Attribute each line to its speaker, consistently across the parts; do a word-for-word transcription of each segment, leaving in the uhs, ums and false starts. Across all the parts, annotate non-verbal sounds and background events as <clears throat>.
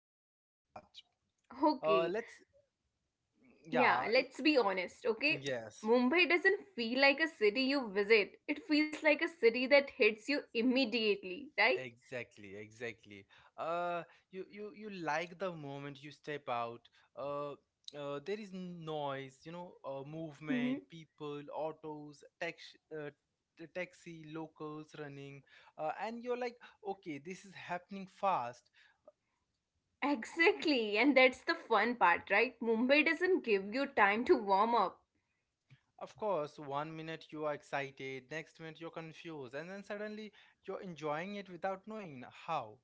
Speaker 1: let's let's start. Uh,
Speaker 2: Okay.
Speaker 1: let's
Speaker 2: Yeah,
Speaker 1: yeah.
Speaker 2: let's be honest, okay?
Speaker 1: Yes.
Speaker 2: Mumbai doesn't feel like a city you visit. It feels like a city that hits you immediately, right?
Speaker 1: Exactly, exactly. Uh, you you you like the moment you step out. Uh, uh, there is noise, you know, uh,
Speaker 2: Mm-hmm.
Speaker 1: movement, people, autos, tax, uh, t- taxi, locals running, uh, and you're like, okay, this is happening fast.
Speaker 2: Exactly. And that's the fun part, right? Mumbai doesn't give you time to warm up.
Speaker 1: Of course, one minute you are excited, next minute you're confused, and then suddenly you're enjoying it without knowing how.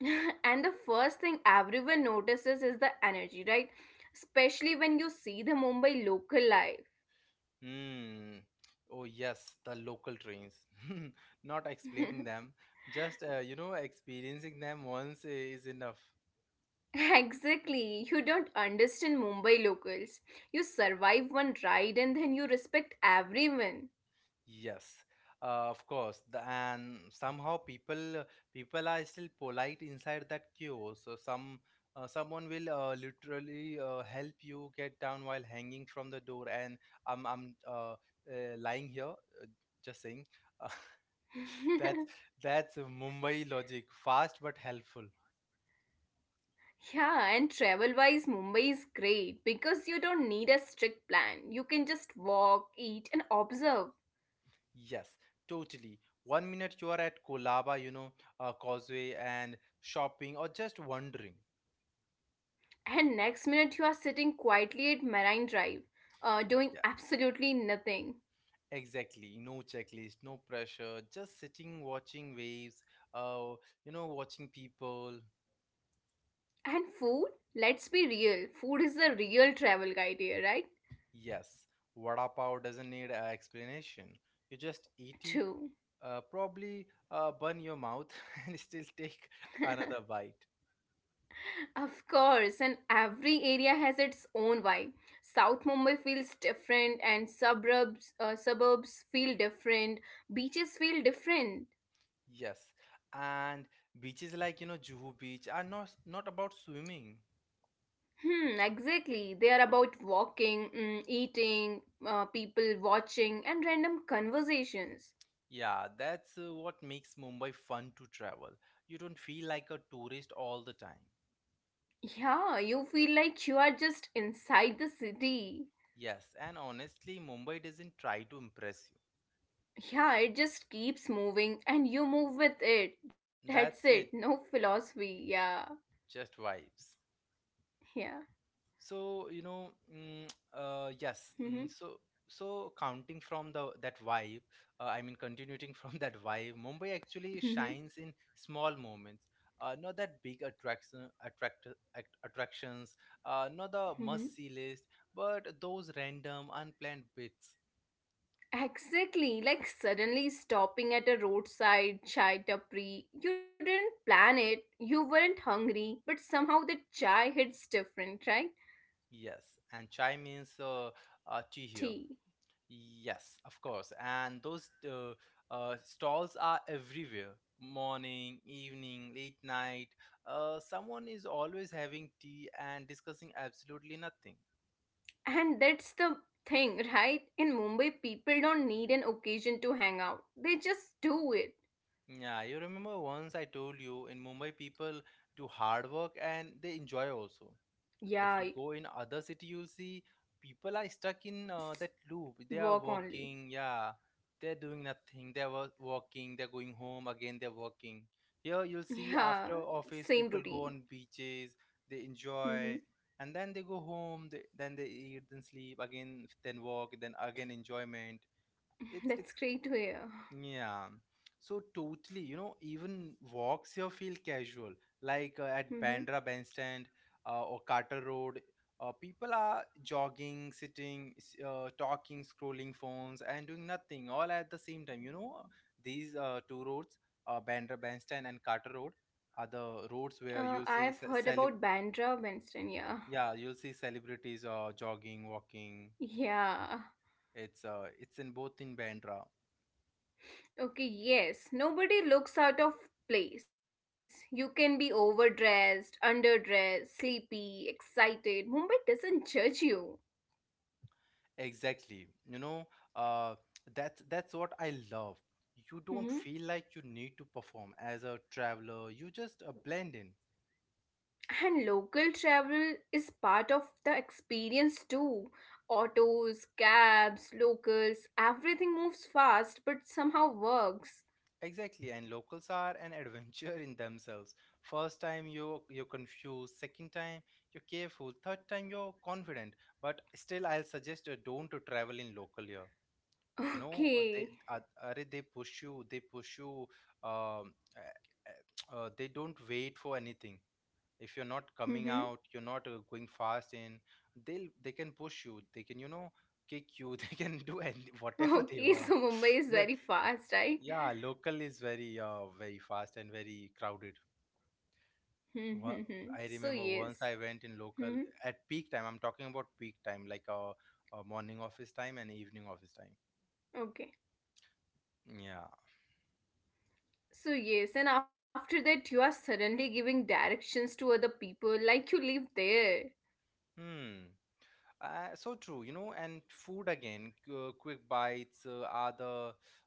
Speaker 2: <laughs> And the first thing everyone notices is the energy, right? Especially when you see the Mumbai local life.
Speaker 1: Hmm. Oh yes, the local trains. <laughs> Not explaining
Speaker 2: <laughs>
Speaker 1: them, just uh, you know, experiencing them once is enough.
Speaker 2: <laughs> Exactly. You don't understand Mumbai locals. You survive one ride and then you respect everyone.
Speaker 1: Yes, uh, of course. The, and somehow people uh, people are still polite inside that queue. So some uh, someone will uh, literally uh, help you get down while hanging from the door. And I'm I'm uh, uh, lying here, uh, just saying. <laughs> that's
Speaker 2: <laughs>
Speaker 1: that's Mumbai logic, fast but helpful.
Speaker 2: Yeah, and travel wise, Mumbai is great because you don't need a strict plan. You can just walk, eat, and observe.
Speaker 1: Yes, totally. One minute you are at Kolaba, you know, uh, Causeway and shopping or just wandering.
Speaker 2: And next minute, you are sitting quietly at Marine Drive, uh, doing
Speaker 1: Yeah,
Speaker 2: absolutely nothing.
Speaker 1: exactly. No checklist, no pressure, just sitting, watching waves, uh, you know, watching people.
Speaker 2: And food? Let's be real. Food is the real travel guide here, right?
Speaker 1: Yes, vada pav doesn't need an explanation. You just eat it,
Speaker 2: True.
Speaker 1: uh, probably uh, burn your mouth <laughs> and still take
Speaker 2: <laughs>
Speaker 1: another bite.
Speaker 2: Of course, and every area has its own vibe. South Mumbai feels different, and suburbs uh, suburbs feel different. Beaches feel different.
Speaker 1: Yes, and beaches like, you know, Juhu Beach are not not about swimming.
Speaker 2: Hmm, exactly. They are about walking, mm, eating, uh, people watching, and random conversations.
Speaker 1: Yeah, that's uh, what makes Mumbai fun to travel. You don't feel like a tourist all the time.
Speaker 2: Yeah, you feel like you are just inside the city.
Speaker 1: Yes, and honestly, Mumbai doesn't try to impress
Speaker 2: Yeah, it just keeps moving, and you move with it.
Speaker 1: you.
Speaker 2: That's
Speaker 1: That's it,
Speaker 2: it. No philosophy. Yeah,
Speaker 1: just vibes. So, you know, mm, uh, yes.
Speaker 2: yeah.
Speaker 1: Mm, so, so counting from the that vibe, uh, I mean, continuing from <laughs> that vibe, Mumbai actually
Speaker 2: <laughs>
Speaker 1: shines in small moments. Uh, not that big attraction, attract, act, attractions, uh, not the
Speaker 2: Mhm.
Speaker 1: must-see list, but those random, unplanned bits.
Speaker 2: Exactly, like suddenly stopping at a roadside chai tapri. You didn't plan it, you weren't hungry, but somehow the chai hits different, right?
Speaker 1: Yes, and chai means uh, uh, tea here.
Speaker 2: Tea.
Speaker 1: Yes, of course. And those uh, uh, stalls are everywhere. Morning, evening, late night. Uh, someone is always having tea and discussing absolutely nothing.
Speaker 2: And that's the thing, right? In Mumbai, people don't need an occasion to hang out, they just do it.
Speaker 1: Yeah, you remember once I told you in Mumbai people do hard work and they enjoy also. If you'll
Speaker 2: Yeah,
Speaker 1: go in other city, you'll see people are stuck in uh, that
Speaker 2: s-
Speaker 1: loop. They are
Speaker 2: work
Speaker 1: working,
Speaker 2: only.
Speaker 1: yeah. They're doing nothing. They're wo- working. They're going home again. They're working. Here you'll
Speaker 2: <laughs>
Speaker 1: see
Speaker 2: Yeah,
Speaker 1: after office,
Speaker 2: same
Speaker 1: people go
Speaker 2: routine.
Speaker 1: on beaches. They enjoy,
Speaker 2: Hmm.
Speaker 1: and then they go home. They, then they eat, then sleep again, then work, then again enjoyment. It's it's
Speaker 2: <laughs> That's great to hear.
Speaker 1: yeah. So totally, you know, even walks here feel casual. Like uh, at
Speaker 2: Hmm.
Speaker 1: Bandra Bandstand uh, or Carter Road, uh, people are jogging, sitting, s- uh, talking, scrolling phones, and doing nothing all at the same time. You know, these uh, two roads, uh, Bandra Bandstand and Carter Road, are the roads where you'll
Speaker 2: Uh,
Speaker 1: see
Speaker 2: I've
Speaker 1: ce-
Speaker 2: heard
Speaker 1: celeb
Speaker 2: about Bandra Winston, yeah.
Speaker 1: yeah, you'll see celebrities uh, jogging, walking.
Speaker 2: <laughs> Yeah.
Speaker 1: It's uh, it's in both in Bandra.
Speaker 2: Okay, yes. Nobody looks out of place. You can be overdressed, underdressed, sleepy, excited. Mumbai doesn't judge you.
Speaker 1: Exactly. You know, uh, that's that's what I love. You don't feel
Speaker 2: Mhm.
Speaker 1: like you need to perform as a traveler. You just uh, blend in.
Speaker 2: And local travel is part of the experience too. Autos, cabs, locals, everything moves fast but somehow works.
Speaker 1: Exactly. And locals are an <laughs> adventure in themselves. First time you you're confused. Second time you're careful. Third time you're confident. But still, I'll suggest uh, don't to travel in local here. You
Speaker 2: <laughs>
Speaker 1: know, uh, they
Speaker 2: Okay.
Speaker 1: uh, are they push you. They push you. Um, uh, uh, <tsk> uh, they don't wait for anything. If you're not
Speaker 2: Hmm.
Speaker 1: coming out, you're not uh, going fast in, they'll they can push you, they can, you know, kick you <laughs> they can do any, whatever
Speaker 2: Okay, <laughs>
Speaker 1: they
Speaker 2: so
Speaker 1: want.
Speaker 2: Mumbai is very
Speaker 1: the,
Speaker 2: fast, right? <laughs>
Speaker 1: yeah, local is very uh, very fast and very crowded. Wha-
Speaker 2: Mm-hmm, so,
Speaker 1: I remember
Speaker 2: yes.
Speaker 1: once I went in
Speaker 2: Hmm.
Speaker 1: local at peak time. I'm talking about peak time like a, a morning office time and evening office time.
Speaker 2: Okay.
Speaker 1: Yeah.
Speaker 2: So, yes, and after that, you are suddenly giving directions to other people like you live there.
Speaker 1: Hmm. Uh, so true, you know, and food again, uh, quick bites uh, are the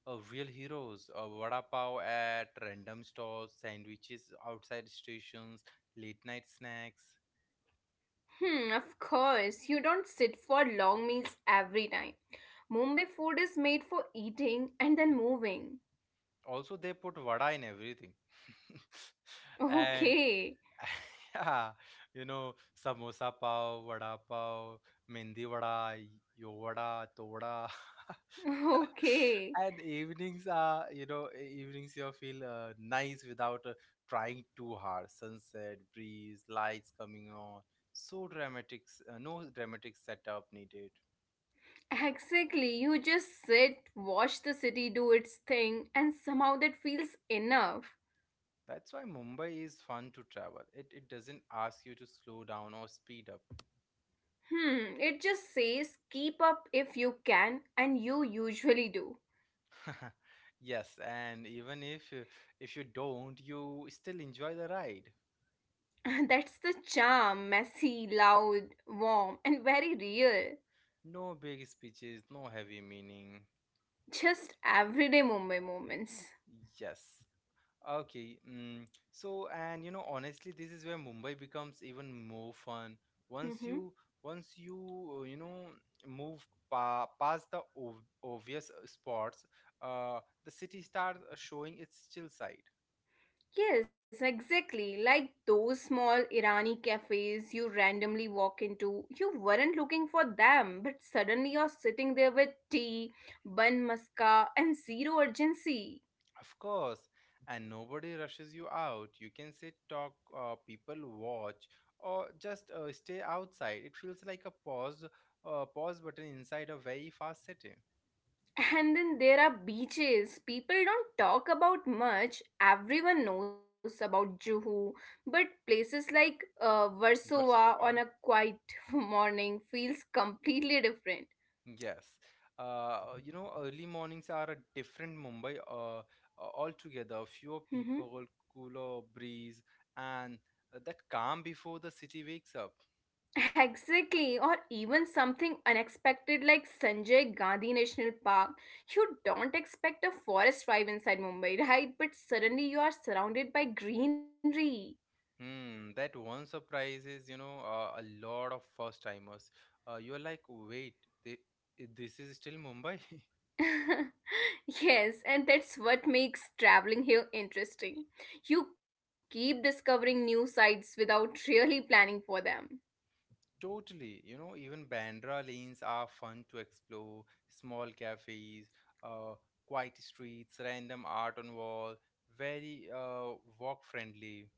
Speaker 1: uh, real heroes. Uh, Vada pav at random stores, sandwiches outside stations, late night snacks.
Speaker 2: Hmm, of course, you don't sit for long meals every time. Mumbai food is made for eating and then moving.
Speaker 1: Also, they put vada in everything. <laughs> And
Speaker 2: Okay,
Speaker 1: <laughs> yeah, you know, samosa pav, vada pav, mendi vada, yo vada, toda. <laughs>
Speaker 2: <laughs> okay.
Speaker 1: <laughs> And evenings are, you know, e- evenings you feel uh, nice without uh, trying too hard. Sunset breeze, lights coming on, so dramatic. S- uh, no dramatic setup needed.
Speaker 2: Exactly, you just sit, watch the city do its thing, and somehow that feels enough.
Speaker 1: That's why Mumbai is fun to travel. It, it doesn't ask you to slow down or speed up.
Speaker 2: Hmm, it just says keep up if you can, and you usually do.
Speaker 1: <laughs> Yes, and even if uh, if you don't, you still enjoy the ride.
Speaker 2: <laughs> That's the charm, messy, loud, warm, and very real.
Speaker 1: No big speeches, no heavy meaning.
Speaker 2: Just everyday Mumbai moments.
Speaker 1: Yes. Okay, mm, so, and you know, honestly, this is where Mumbai becomes even more fun once
Speaker 2: Hmm.
Speaker 1: you once you, uh, you know, move pa- past the ov- obvious uh, spots. Uh the city starts uh, showing its chill side.
Speaker 2: Yes, exactly. Like those small Irani cafes you randomly walk into. You weren't looking for them, but suddenly you're sitting there with tea, bun maska, and zero urgency.
Speaker 1: Of course, and nobody rushes you out. You can sit, talk, uh, people watch, or just uh, stay outside. It feels like a pause uh, pause button inside a very fast city.
Speaker 2: And then there are beaches. People don't talk about much. Everyone knows about Juhu, but places like uh, Warsaw
Speaker 1: Warsaw.
Speaker 2: on a quiet <laughs> morning feels completely different.
Speaker 1: Yes. Uh, you know, early mornings are a different Mumbai uh, uh, altogether. Fewer
Speaker 2: Mhm.
Speaker 1: people, cooler breeze, and uh, that calm before the city wakes up.
Speaker 2: Exactly, or even something unexpected like Sanjay Gandhi National Park. You don't expect a forest drive inside Mumbai, <laughs> right? But suddenly you are surrounded by greenery.
Speaker 1: Hmm, that one surprises, you know, uh, a lot of first timers. Uh, you're like, wait, thi- this is still Mumbai? <laughs>
Speaker 2: <laughs> Yes, and that's what makes traveling here interesting. You keep discovering new sites without really planning for them.
Speaker 1: Totally. You know, even Bandra lanes are fun to explore. Small cafes, uh, quiet streets, random art on wall, very uh, walk friendly.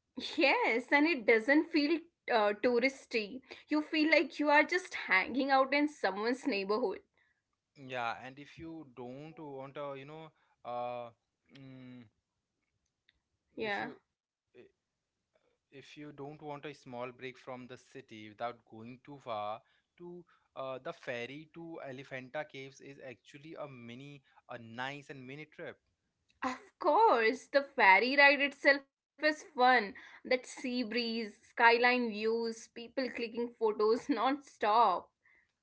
Speaker 2: Yes, and it doesn't feel uh, touristy. You feel like you are just hanging out in someone's neighborhood.
Speaker 1: Yeah, and if you don't want a, you know, uh, mm, if
Speaker 2: Yeah.
Speaker 1: you i- if you don't want a small break from the city without going too far, to uh, the ferry to Elephanta Caves is actually a mini, a nice and mini trip.
Speaker 2: Of course, the ferry ride itself is fun. That sea breeze, skyline views, people clicking photos non stop.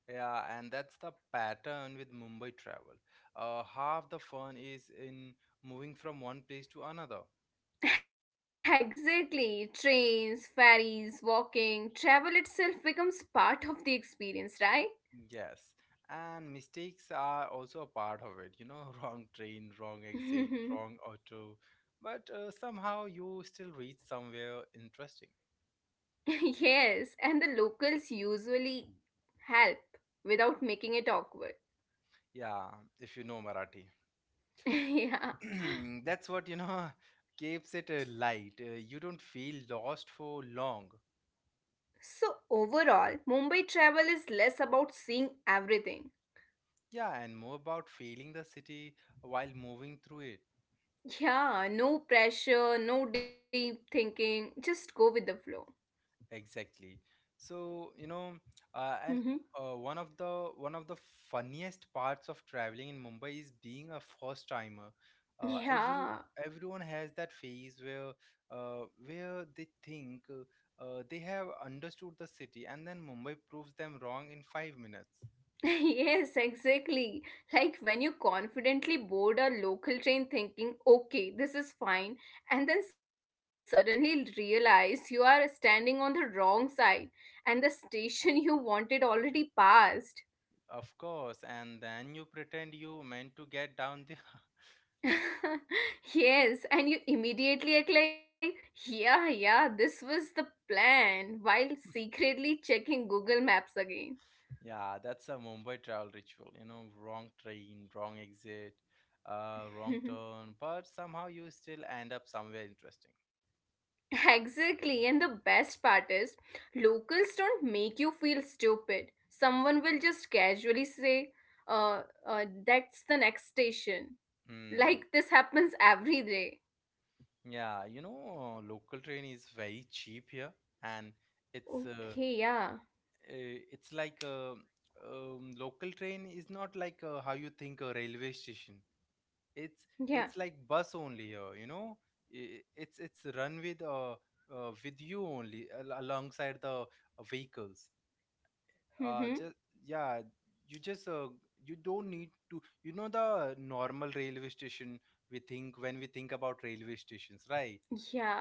Speaker 1: Yeah, and that's the pattern with Mumbai travel. Uh, half the fun is in moving from one place to another.
Speaker 2: <laughs> Exactly. Trains, ferries, walking, travel itself becomes part of the experience, right?
Speaker 1: Yes, and mistakes are also a part of it, you know, <laughs> wrong train, wrong exit, wrong auto, but uh, somehow you still reach somewhere interesting.
Speaker 2: <laughs> Yes, and the locals usually help without making it awkward.
Speaker 1: Yeah, if you know Marathi.
Speaker 2: <laughs> Yeah.
Speaker 1: <clears throat> That's what, you know, <laughs> keeps it uh, light. Uh, you don't feel lost for long.
Speaker 2: So, overall, Mumbai travel is less about seeing everything.
Speaker 1: Yeah, and more about feeling the city while moving through it.
Speaker 2: Yeah, no pressure, no deep thinking, just go with the flow.
Speaker 1: Exactly. So, you know, uh, and
Speaker 2: <laughs>
Speaker 1: uh, one of the one of the funniest parts of traveling in Mumbai is being a first timer. Uh, every
Speaker 2: Yeah.
Speaker 1: Everyone has that phase where uh, where they think uh, uh, they have understood the city, and then Mumbai proves them wrong in five minutes.
Speaker 2: <laughs> Yes, exactly. Like when you confidently board a local train thinking, okay, this is fine, and then suddenly realize you are standing on the wrong side and the station <laughs> you wanted already passed.
Speaker 1: Of course, and then you pretend you meant to get down the <laughs>
Speaker 2: <laughs> Yes, and you immediately act like, yeah, yeah, this was the plan, while secretly checking Google Maps again.
Speaker 1: Yeah, that's a Mumbai travel ritual, you know, wrong train, wrong exit, uh, wrong turn,
Speaker 2: <laughs>
Speaker 1: but somehow you still end up somewhere interesting.
Speaker 2: Exactly, and the best part is, locals don't make you feel stupid. Someone will just casually say, uh, uh, that's the next station.
Speaker 1: Hmm.
Speaker 2: Like, this happens every day.
Speaker 1: Yeah, you know, local train is very cheap here, and it's uh,
Speaker 2: Okay, yeah.
Speaker 1: eh, it's like a um, local train is not like uh, how you think a railway station. It's it's
Speaker 2: Yeah.
Speaker 1: like bus only here, you know. I- It's it's run with uh, uh with you only al- alongside the uh, vehicles.
Speaker 2: Mm-hmm.
Speaker 1: Uh just Yeah, you just uh, you don't need to, you know, the normal railway station we think, when we think about railway stations, right?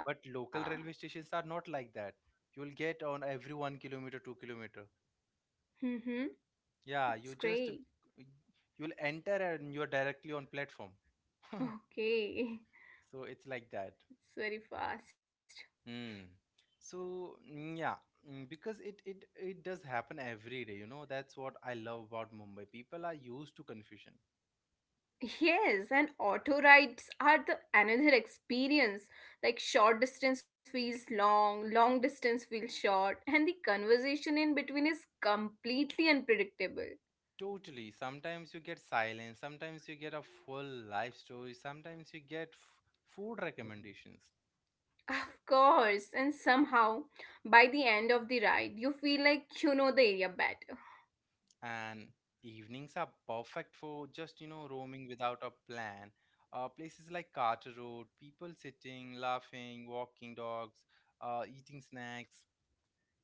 Speaker 1: But
Speaker 2: Yeah.
Speaker 1: local railway stations are not like that. You'll get on every one kilometer two kilometer.
Speaker 2: Mm-hmm.
Speaker 1: Yeah, you
Speaker 2: That's
Speaker 1: just,
Speaker 2: great.
Speaker 1: you'll enter and you're directly on platform. <laughs>
Speaker 2: Okay. <laughs>
Speaker 1: So it's like that.
Speaker 2: It's very fast.
Speaker 1: mm. So mm, yeah. Mm, because it it it does happen every day, you know. That's what I love about Mumbai, people are used to confusion.
Speaker 2: Yes, and auto rides are the another experience. Like short distance feels long, long distance feels short, and the conversation in between is completely unpredictable.
Speaker 1: Totally. Sometimes you get silence, sometimes you get a full life story, sometimes you get f- food recommendations.
Speaker 2: Of course, and somehow by the end of the ride, you feel like you know the area better.
Speaker 1: And evenings are perfect for just, you know, roaming without a plan. Uh, places like Carter Road, people sitting, laughing, walking dogs, uh, eating snacks.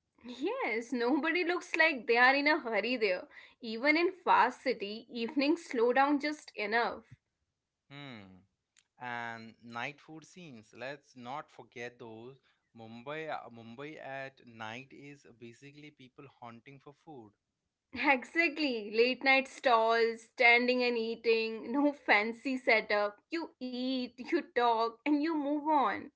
Speaker 2: Yes, nobody looks like they are in a hurry there. Even in fast city, evenings slow down just enough.
Speaker 1: Hmm. And night food scenes. Let's not forget those. Mumbai, uh, Mumbai at night is basically people hunting for food.
Speaker 2: Exactly. Late night stalls, standing and eating, no <laughs> fancy setup. You eat, you talk, and you move on.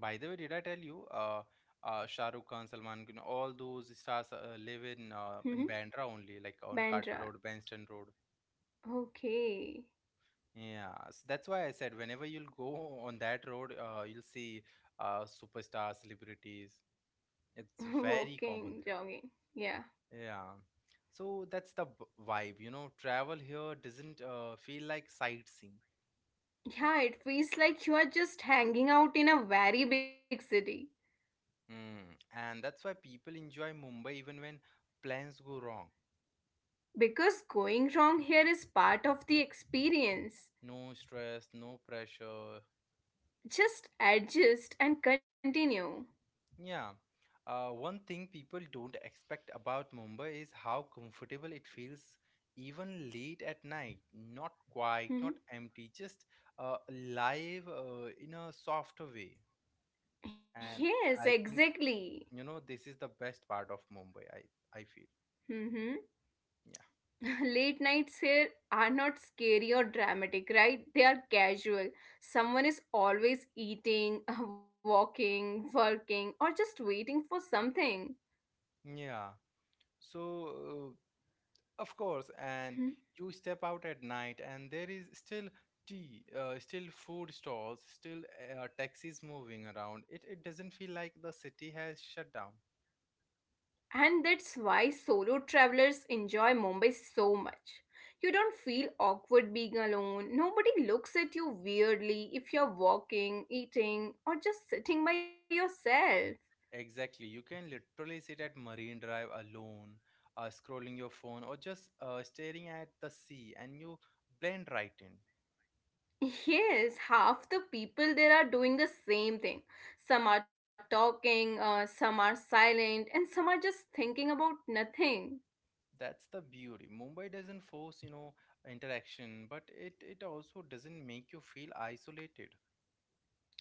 Speaker 1: By the way, did I tell you, uh, uh, Shah Rukh Khan, Salman Khan, all those stars uh, live in uh,
Speaker 2: Hmm.
Speaker 1: in Bandra only, like on Carter
Speaker 2: Bandra.
Speaker 1: Road, Bandstand Road.
Speaker 2: Okay.
Speaker 1: Yeah, so that's why I said whenever you'll go on that road, uh, you'll see uh, superstar celebrities.
Speaker 2: <laughs>
Speaker 1: It's very
Speaker 2: Walking,
Speaker 1: common
Speaker 2: jogging. Yeah.
Speaker 1: there. Yeah, so that's the b- vibe, you know. Travel here doesn't uh, feel like sightseeing,
Speaker 2: Yeah, it feels like you are just hanging out in a very big city.
Speaker 1: mm. And that's why people enjoy Mumbai even when plans go wrong.
Speaker 2: Because going wrong here is part of the experience.
Speaker 1: No stress, no pressure.
Speaker 2: Just adjust and continue.
Speaker 1: Yeah. Uh, one thing people don't expect about Mumbai is how comfortable it feels even late at night. Not quiet, not
Speaker 2: Hmm.
Speaker 1: empty, just uh, live uh, in a softer way. And
Speaker 2: Yes,
Speaker 1: I think,
Speaker 2: exactly.
Speaker 1: you know, this is the best part of Mumbai, I, I feel.
Speaker 2: Hmm.
Speaker 1: Yeah.
Speaker 2: <laughs> Late nights here are not scary or dramatic, right? They are casual. Someone is always eating, <laughs> walking, working, or just waiting for something.
Speaker 1: Yeah. So uh, Of course, and
Speaker 2: Hmm.
Speaker 1: you step out at night, and there is still tea, uh, still food stalls, still uh, taxis moving around. It, it doesn't feel like the city has shut down.
Speaker 2: And that's why solo travelers enjoy Mumbai so much. You don't feel awkward being alone. Nobody looks at you weirdly if you're walking, eating, or just sitting by yourself.
Speaker 1: Exactly, you can literally sit at Marine Drive alone, uh, scrolling your phone, or just uh, staring at the sea, and you blend right in.
Speaker 2: Yes, half the people there are doing the same thing. Some are talking, uh, some are silent, and some are just thinking about nothing.
Speaker 1: That's the beauty. Mumbai doesn't force, you know, interaction, but it, it also doesn't make you feel isolated.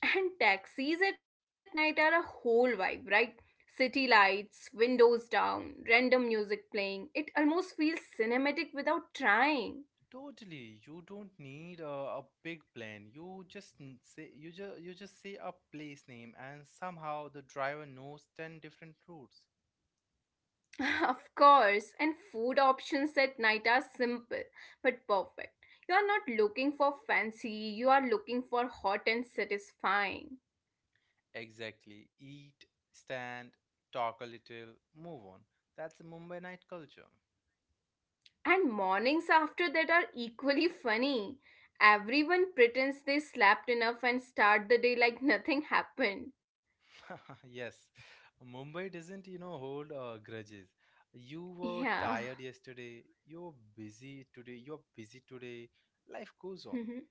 Speaker 2: And taxis at night are a whole vibe, right? City lights, windows down, random music playing. It almost feels cinematic without trying.
Speaker 1: Totally. You don't need a, a big plan. You just n- say you just you just say a place name and somehow the driver knows ten different routes.
Speaker 2: <laughs> Of course, and food options at night are simple but perfect. You are not looking for fancy, you are looking for hot and satisfying.
Speaker 1: Exactly. Eat, stand, talk a little, move on. That's the Mumbai night culture.
Speaker 2: And mornings after that are equally funny. Everyone pretends they slept enough and start the day like <laughs> nothing happened.
Speaker 1: <laughs> Yes. Mumbai doesn't, you know, hold uh, grudges. You were
Speaker 2: Yeah.
Speaker 1: tired yesterday. You're busy today. You're busy today. Life goes on.
Speaker 2: Mhm.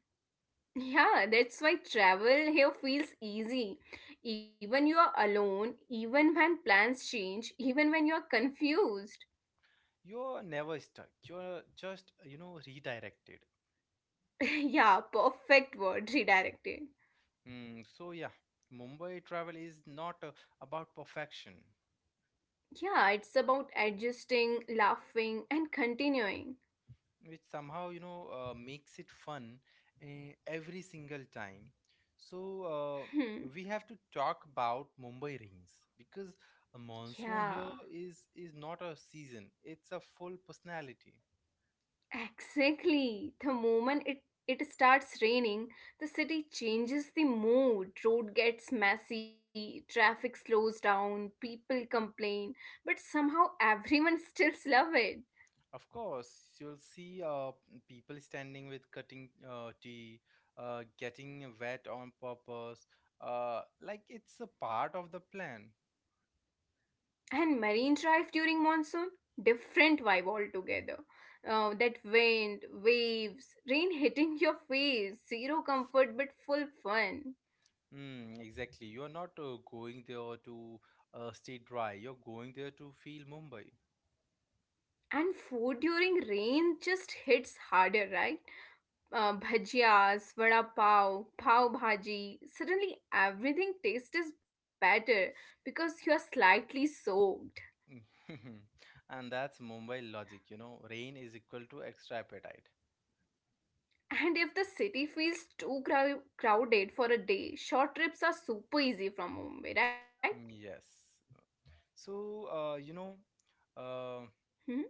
Speaker 2: Yeah, that's why travel here feels easy. Even you are alone, even when plans change, even when you are confused.
Speaker 1: You're never stuck. You're just, you know, redirected.
Speaker 2: <laughs> Yeah, perfect word, <laughs> redirected.
Speaker 1: Mm, so yeah, Mumbai travel is not uh, about perfection,
Speaker 2: Yeah, it's about adjusting, laughing, and continuing.
Speaker 1: which somehow you know uh, makes it fun uh, every single time. So uh,
Speaker 2: Hmm.
Speaker 1: we have to talk about Mumbai rains because a
Speaker 2: Yeah.
Speaker 1: monsoon here is is not a season; it's a full personality.
Speaker 2: Exactly. The moment it, it starts raining, the city changes the mood. Road gets messy, traffic slows down, people complain, but somehow <laughs> everyone still love it.
Speaker 1: Of course, you'll see uh, people standing with cutting uh, tea, uh, getting wet on purpose, uh, like it's a part of the plan.
Speaker 2: And marine drive during monsoon, different vibe altogether. Uh, that wind, waves, rain hitting <laughs> your face, zero comfort but full fun.
Speaker 1: Mm, exactly. You're not uh, going there to uh, stay dry. You're going there to feel Mumbai.
Speaker 2: And food during rain just hits harder, right? Uh, bhajias, vada pav, pav bhaji. Suddenly, everything tastes is better because you are slightly soaked.
Speaker 1: Mm. <laughs> And that's Mumbai logic, you know. Rain is equal to extra appetite.
Speaker 2: And if the city feels too crow- crowded for a day, short trips are super easy from Mumbai, right?
Speaker 1: Mm, yes. So, uh, you know, uh,
Speaker 2: Hmm?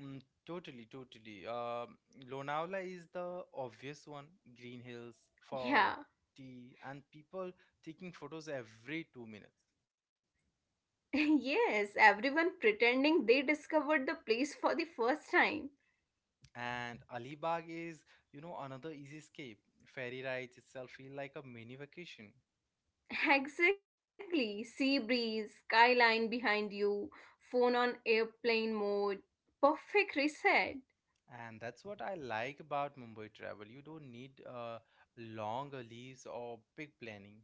Speaker 1: mm, totally, totally. Uh, Lonavala is the obvious one. Green hills, fog,
Speaker 2: Yeah.
Speaker 1: tea, and people taking photos every two minutes.
Speaker 2: <laughs> Yes, everyone pretending they discovered the place for the first time.
Speaker 1: And Alibag is, you know, another easy escape. Ferry rides itself feel like a mini vacation.
Speaker 2: Exactly. Sea breeze, skyline behind you, phone on airplane mode, perfect reset.
Speaker 1: And that's what I like about Mumbai travel. You don't need uh, long leaves or big planning.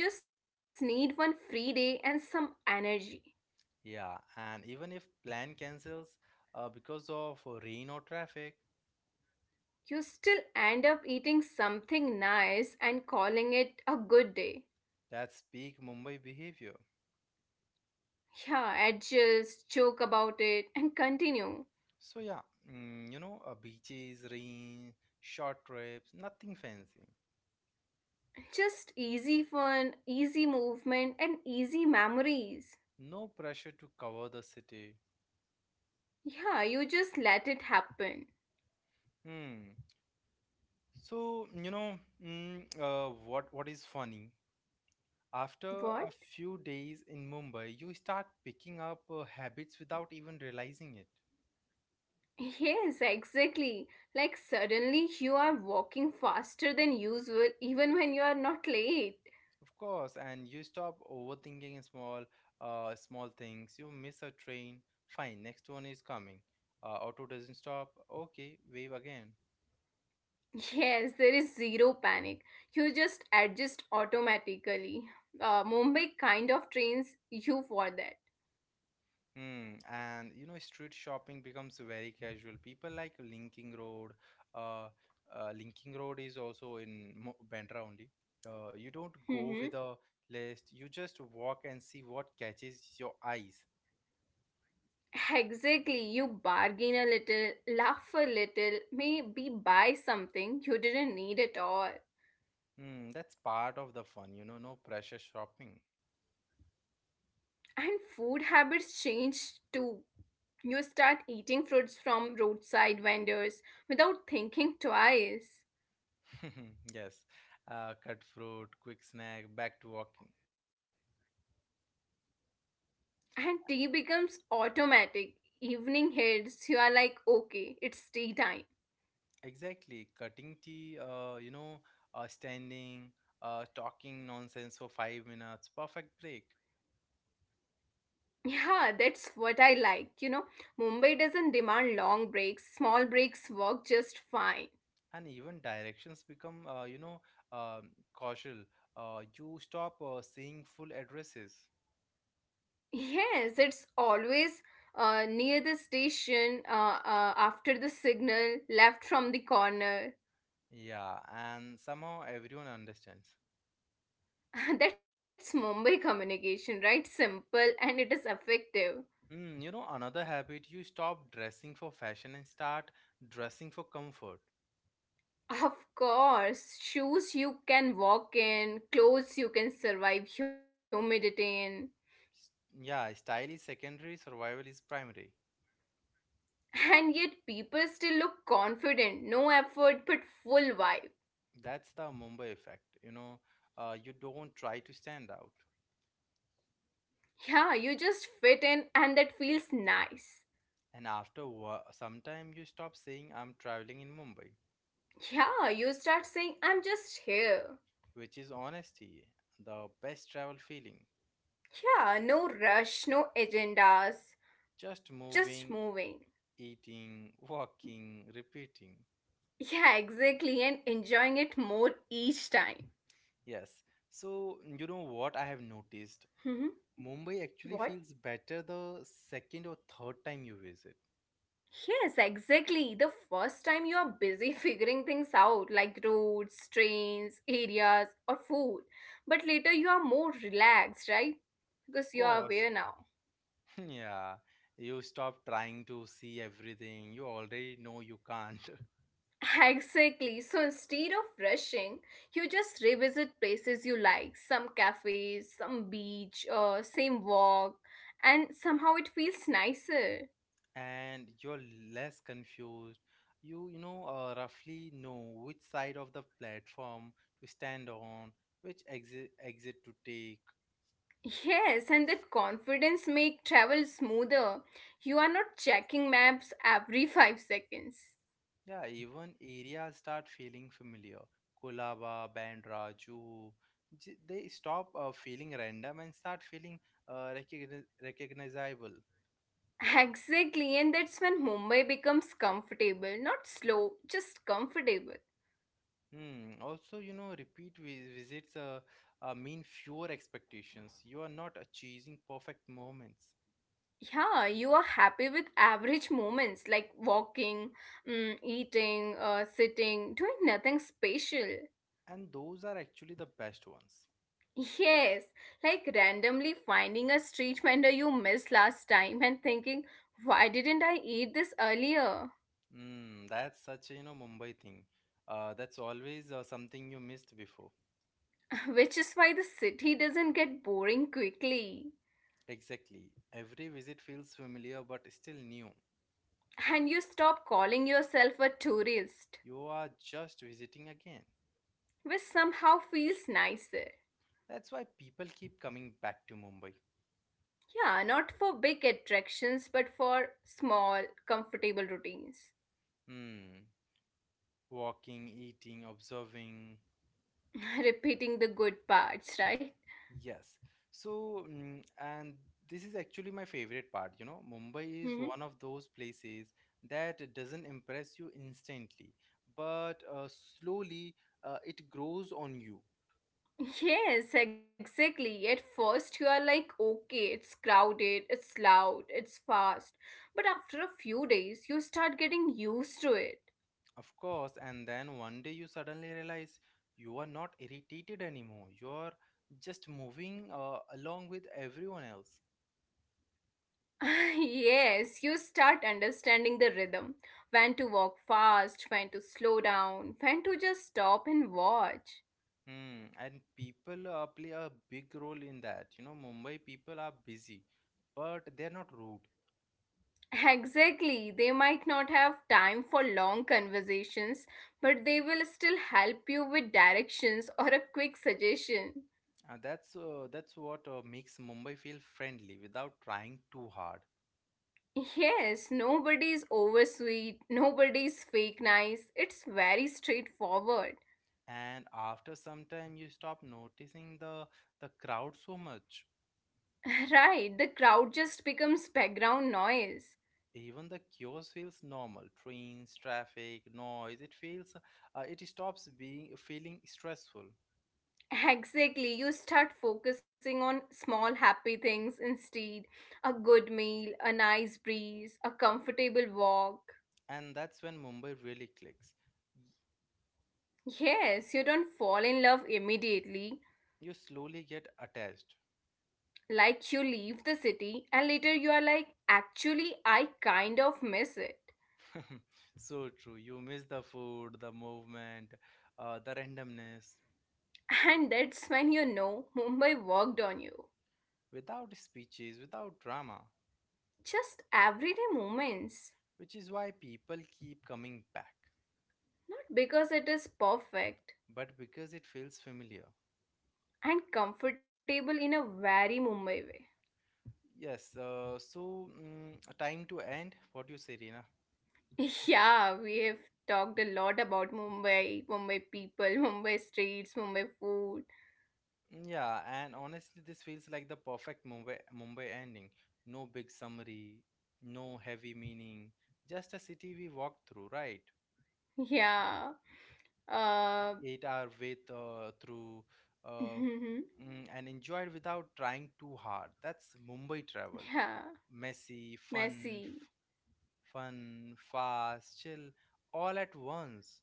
Speaker 2: Yeah, you just need one free day and some energy.
Speaker 1: Yeah, and even if plan cancels uh, because of rain or traffic,
Speaker 2: You still end up eating something nice and calling it a good day.
Speaker 1: that's peak Mumbai behavior.
Speaker 2: Yeah, adjust, joke about it, and continue.
Speaker 1: So yeah, mm, you know, uh, beaches, rain, short trips, nothing fancy.
Speaker 2: Just easy fun, easy movement, and easy memories.
Speaker 1: No pressure to cover the city.
Speaker 2: Yeah, you just let it happen.
Speaker 1: Hmm. So, you know, mm, uh, what what is funny? After a
Speaker 2: What?
Speaker 1: few days in Mumbai, you start picking up uh, habits without even realizing it.
Speaker 2: Yes, exactly. Like suddenly you are walking faster than usual even when you are not late.
Speaker 1: Of course, and you stop overthinking small uh, small things. You miss a train, fine, next one is coming. Uh, auto doesn't stop. Okay, wave again.
Speaker 2: <laughs> Yes, there is zero panic. You just adjust automatically. Uh, Mumbai kind of trains you for that.
Speaker 1: Hmm, and you know, street shopping becomes very casual. People like Linking Road. Uh, uh, Linking Road is also in Mo- Bandra only. Uh, you don't go with a
Speaker 2: Mhm.
Speaker 1: list. You just walk and see what catches your eyes.
Speaker 2: Exactly. You bargain a little, laugh a little, maybe buy something you didn't need at all.
Speaker 1: Hmm, that's part of the fun, you know, no pressure shopping.
Speaker 2: And food habits change too. You start eating fruits from roadside vendors without thinking twice.
Speaker 1: <laughs> Yes. Uh, cut fruit, quick snack, back to walking.
Speaker 2: And tea becomes automatic. Evening hits, you are like, okay, it's tea time.
Speaker 1: Exactly. Cutting tea, uh, you know, uh, standing, uh, talking nonsense for five minutes. Perfect break.
Speaker 2: Yeah, that's what I like. You know, Mumbai doesn't demand long breaks, small breaks work just fine.
Speaker 1: And even directions become uh, you know um, causal. Uh, you stop uh, seeing full addresses,
Speaker 2: Yes, it's always uh, near the station, uh, uh, after the signal, left from the corner.
Speaker 1: yeah, and somehow everyone understands.
Speaker 2: <laughs> That's Mumbai communication, right? Simple and it is effective.
Speaker 1: Mm, you know, another habit: you stop dressing for fashion and start dressing for comfort.
Speaker 2: Of course, shoes you can walk in, clothes you can survive humidity in.
Speaker 1: S- yeah, style is secondary, survival is primary.
Speaker 2: And yet, people still look confident, no effort but full vibe.
Speaker 1: That's the Mumbai effect, you know. Uh, you don't try to stand out.
Speaker 2: Yeah, you just fit in and that feels nice.
Speaker 1: And after wo- some time you stop saying I'm traveling in Mumbai,
Speaker 2: Yeah, you start saying, I'm just here.
Speaker 1: which is honesty the best travel feeling.
Speaker 2: Yeah, no rush, no agendas,
Speaker 1: Just
Speaker 2: just
Speaker 1: moving,
Speaker 2: moving.
Speaker 1: eating, <laughs> walking, repeating.
Speaker 2: Yeah, exactly, and enjoying it more each time.
Speaker 1: Yes. So, you know what I have noticed?
Speaker 2: Hmm,
Speaker 1: Mumbai actually
Speaker 2: what?
Speaker 1: feels better the second or third time you visit.
Speaker 2: Yes, exactly. The first time you are busy <laughs> figuring things out, like roads, trains, areas, or food. But later you are more relaxed, right?
Speaker 1: Of
Speaker 2: Because you are
Speaker 1: course.
Speaker 2: aware now.
Speaker 1: <laughs> Yeah. You stop trying to see everything. You already know you can't. <laughs>
Speaker 2: Exactly. So instead of rushing, you just revisit places you like, some cafes, some beach, uh, same walk, and somehow it feels nicer.
Speaker 1: And you're less confused. You, you know, uh, roughly know which side of the platform to stand on, which exit exit to take.
Speaker 2: Yes, and that confidence make travel smoother. You are not checking maps every <laughs> five seconds.
Speaker 1: Yeah, even areas start feeling familiar. Kolaba, Bandra, Juhu. J- They stop uh, feeling random and start feeling uh, recogni- recognizable.
Speaker 2: Exactly, and that's when Mumbai becomes comfortable, not slow, just comfortable.
Speaker 1: Hmm. Also, you know, repeat vi- visits uh, uh, mean fewer expectations. You are not uh, chasing perfect moments,
Speaker 2: Yeah, you are happy with average moments like walking, mm, eating, uh, sitting, doing nothing special.
Speaker 1: and those are actually the best ones.
Speaker 2: Yes, like randomly finding a street vendor you missed last time and thinking, why didn't I eat this earlier?
Speaker 1: Hmm. That's such a, you know, Mumbai thing. Uh, that's always uh, something you missed before.
Speaker 2: <laughs> Which is why the city doesn't get boring quickly.
Speaker 1: Exactly. Every visit feels familiar but still new.
Speaker 2: And you stop calling yourself a tourist,
Speaker 1: You are just visiting again.
Speaker 2: which somehow feels nicer.
Speaker 1: That's why people keep coming back to Mumbai.
Speaker 2: Yeah, not for big attractions, but for small, comfortable routines.
Speaker 1: Hmm. Walking, eating, observing.
Speaker 2: <laughs> Repeating the good parts, right?
Speaker 1: Yes. So, mm, and this is actually my favorite part. You know, Mumbai is
Speaker 2: Mhm.
Speaker 1: one of those places that doesn't impress you instantly, but uh, slowly uh, it grows on you.
Speaker 2: Yes, exactly. At first, you are like, okay, it's crowded, it's loud, it's fast. But after a few days, you start getting used to it.
Speaker 1: Of course, and then one day you suddenly realize you are not irritated anymore. You're just moving uh, along with everyone else.
Speaker 2: <laughs> Yes, you start understanding the rhythm, when to walk fast, when to slow down, when to just stop and watch.
Speaker 1: Hmm, and people uh, play a big role in that. You know, Mumbai people are busy, but they're not rude.
Speaker 2: Exactly. They might not have time for long conversations, but they will still help you with directions or a quick suggestion.
Speaker 1: Uh, that's uh, that's what uh, makes Mumbai feel friendly without trying too hard.
Speaker 2: Yes, nobody's oversweet, nobody's fake nice. It's very straightforward. <laughs>
Speaker 1: And after some time, you stop noticing the the crowd so much.
Speaker 2: Right, the crowd just becomes background noise.
Speaker 1: Even the chaos feels normal. Trains, traffic, noise. It feels uh, it stops being feeling stressful.
Speaker 2: Exactly, you start focusing on small happy things instead. A good meal, a nice breeze, a comfortable walk.
Speaker 1: And that's when Mumbai really clicks.
Speaker 2: Yes, you don't fall in love immediately.
Speaker 1: You slowly get attached.
Speaker 2: Like you leave the city and later you are like, actually, I kind of miss it.
Speaker 1: <laughs> So true. You miss the food, the movement, uh, the randomness,
Speaker 2: <laughs> And that's when you know Mumbai worked on you.
Speaker 1: without speeches, without drama,
Speaker 2: Just everyday moments.
Speaker 1: which is why people keep coming back,
Speaker 2: Not because it is perfect,
Speaker 1: but because it feels familiar.
Speaker 2: and comfortable in a very Mumbai way.
Speaker 1: Yes, uh, so mm, time to end. What do you say, Rina?
Speaker 2: <laughs> Yeah, we have talked a lot about Mumbai, Mumbai people, <laughs> Mumbai streets, Mumbai food.
Speaker 1: Yeah, and honestly, this feels like the perfect Mumbai, Mumbai ending. No big summary, no heavy meaning, just a city we walked through, right?
Speaker 2: Yeah. Uh,
Speaker 1: Ate our way uh, through, uh,
Speaker 2: <laughs>
Speaker 1: mm, and enjoyed without trying too hard. That's Mumbai
Speaker 2: yeah.
Speaker 1: travel. Messy,
Speaker 2: Messy.
Speaker 1: fun, f- fun, fast, chill, all at once.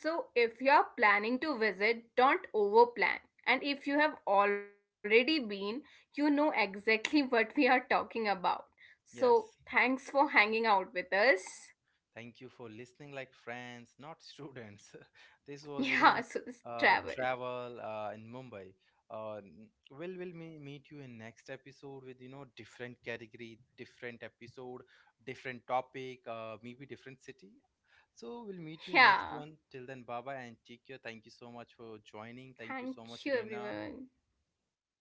Speaker 2: So, if you're planning to visit, don't overplan. And if you have already been, you know exactly <laughs> what we are talking about. So,
Speaker 1: Yes.
Speaker 2: thanks for hanging out with us. <laughs>
Speaker 1: Thank you for listening, like friends, not students. <laughs> This was, you
Speaker 2: Yeah,
Speaker 1: know,
Speaker 2: so this
Speaker 1: uh,
Speaker 2: travel.
Speaker 1: travel uh, in Mumbai. Uh, n- we'll will me- meet you in next episode with, you know, different category, different episode, different topic, uh, maybe different city. So we'll meet you in next
Speaker 2: Yeah,
Speaker 1: one. Till then, bye bye and take care. Thank you so much for joining. Thank you so
Speaker 2: thank
Speaker 1: much,
Speaker 2: you
Speaker 1: Reena.
Speaker 2: everyone.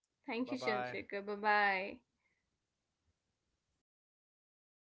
Speaker 2: Thank you,
Speaker 1: Bye bye.
Speaker 2: Chandrika. Bye bye.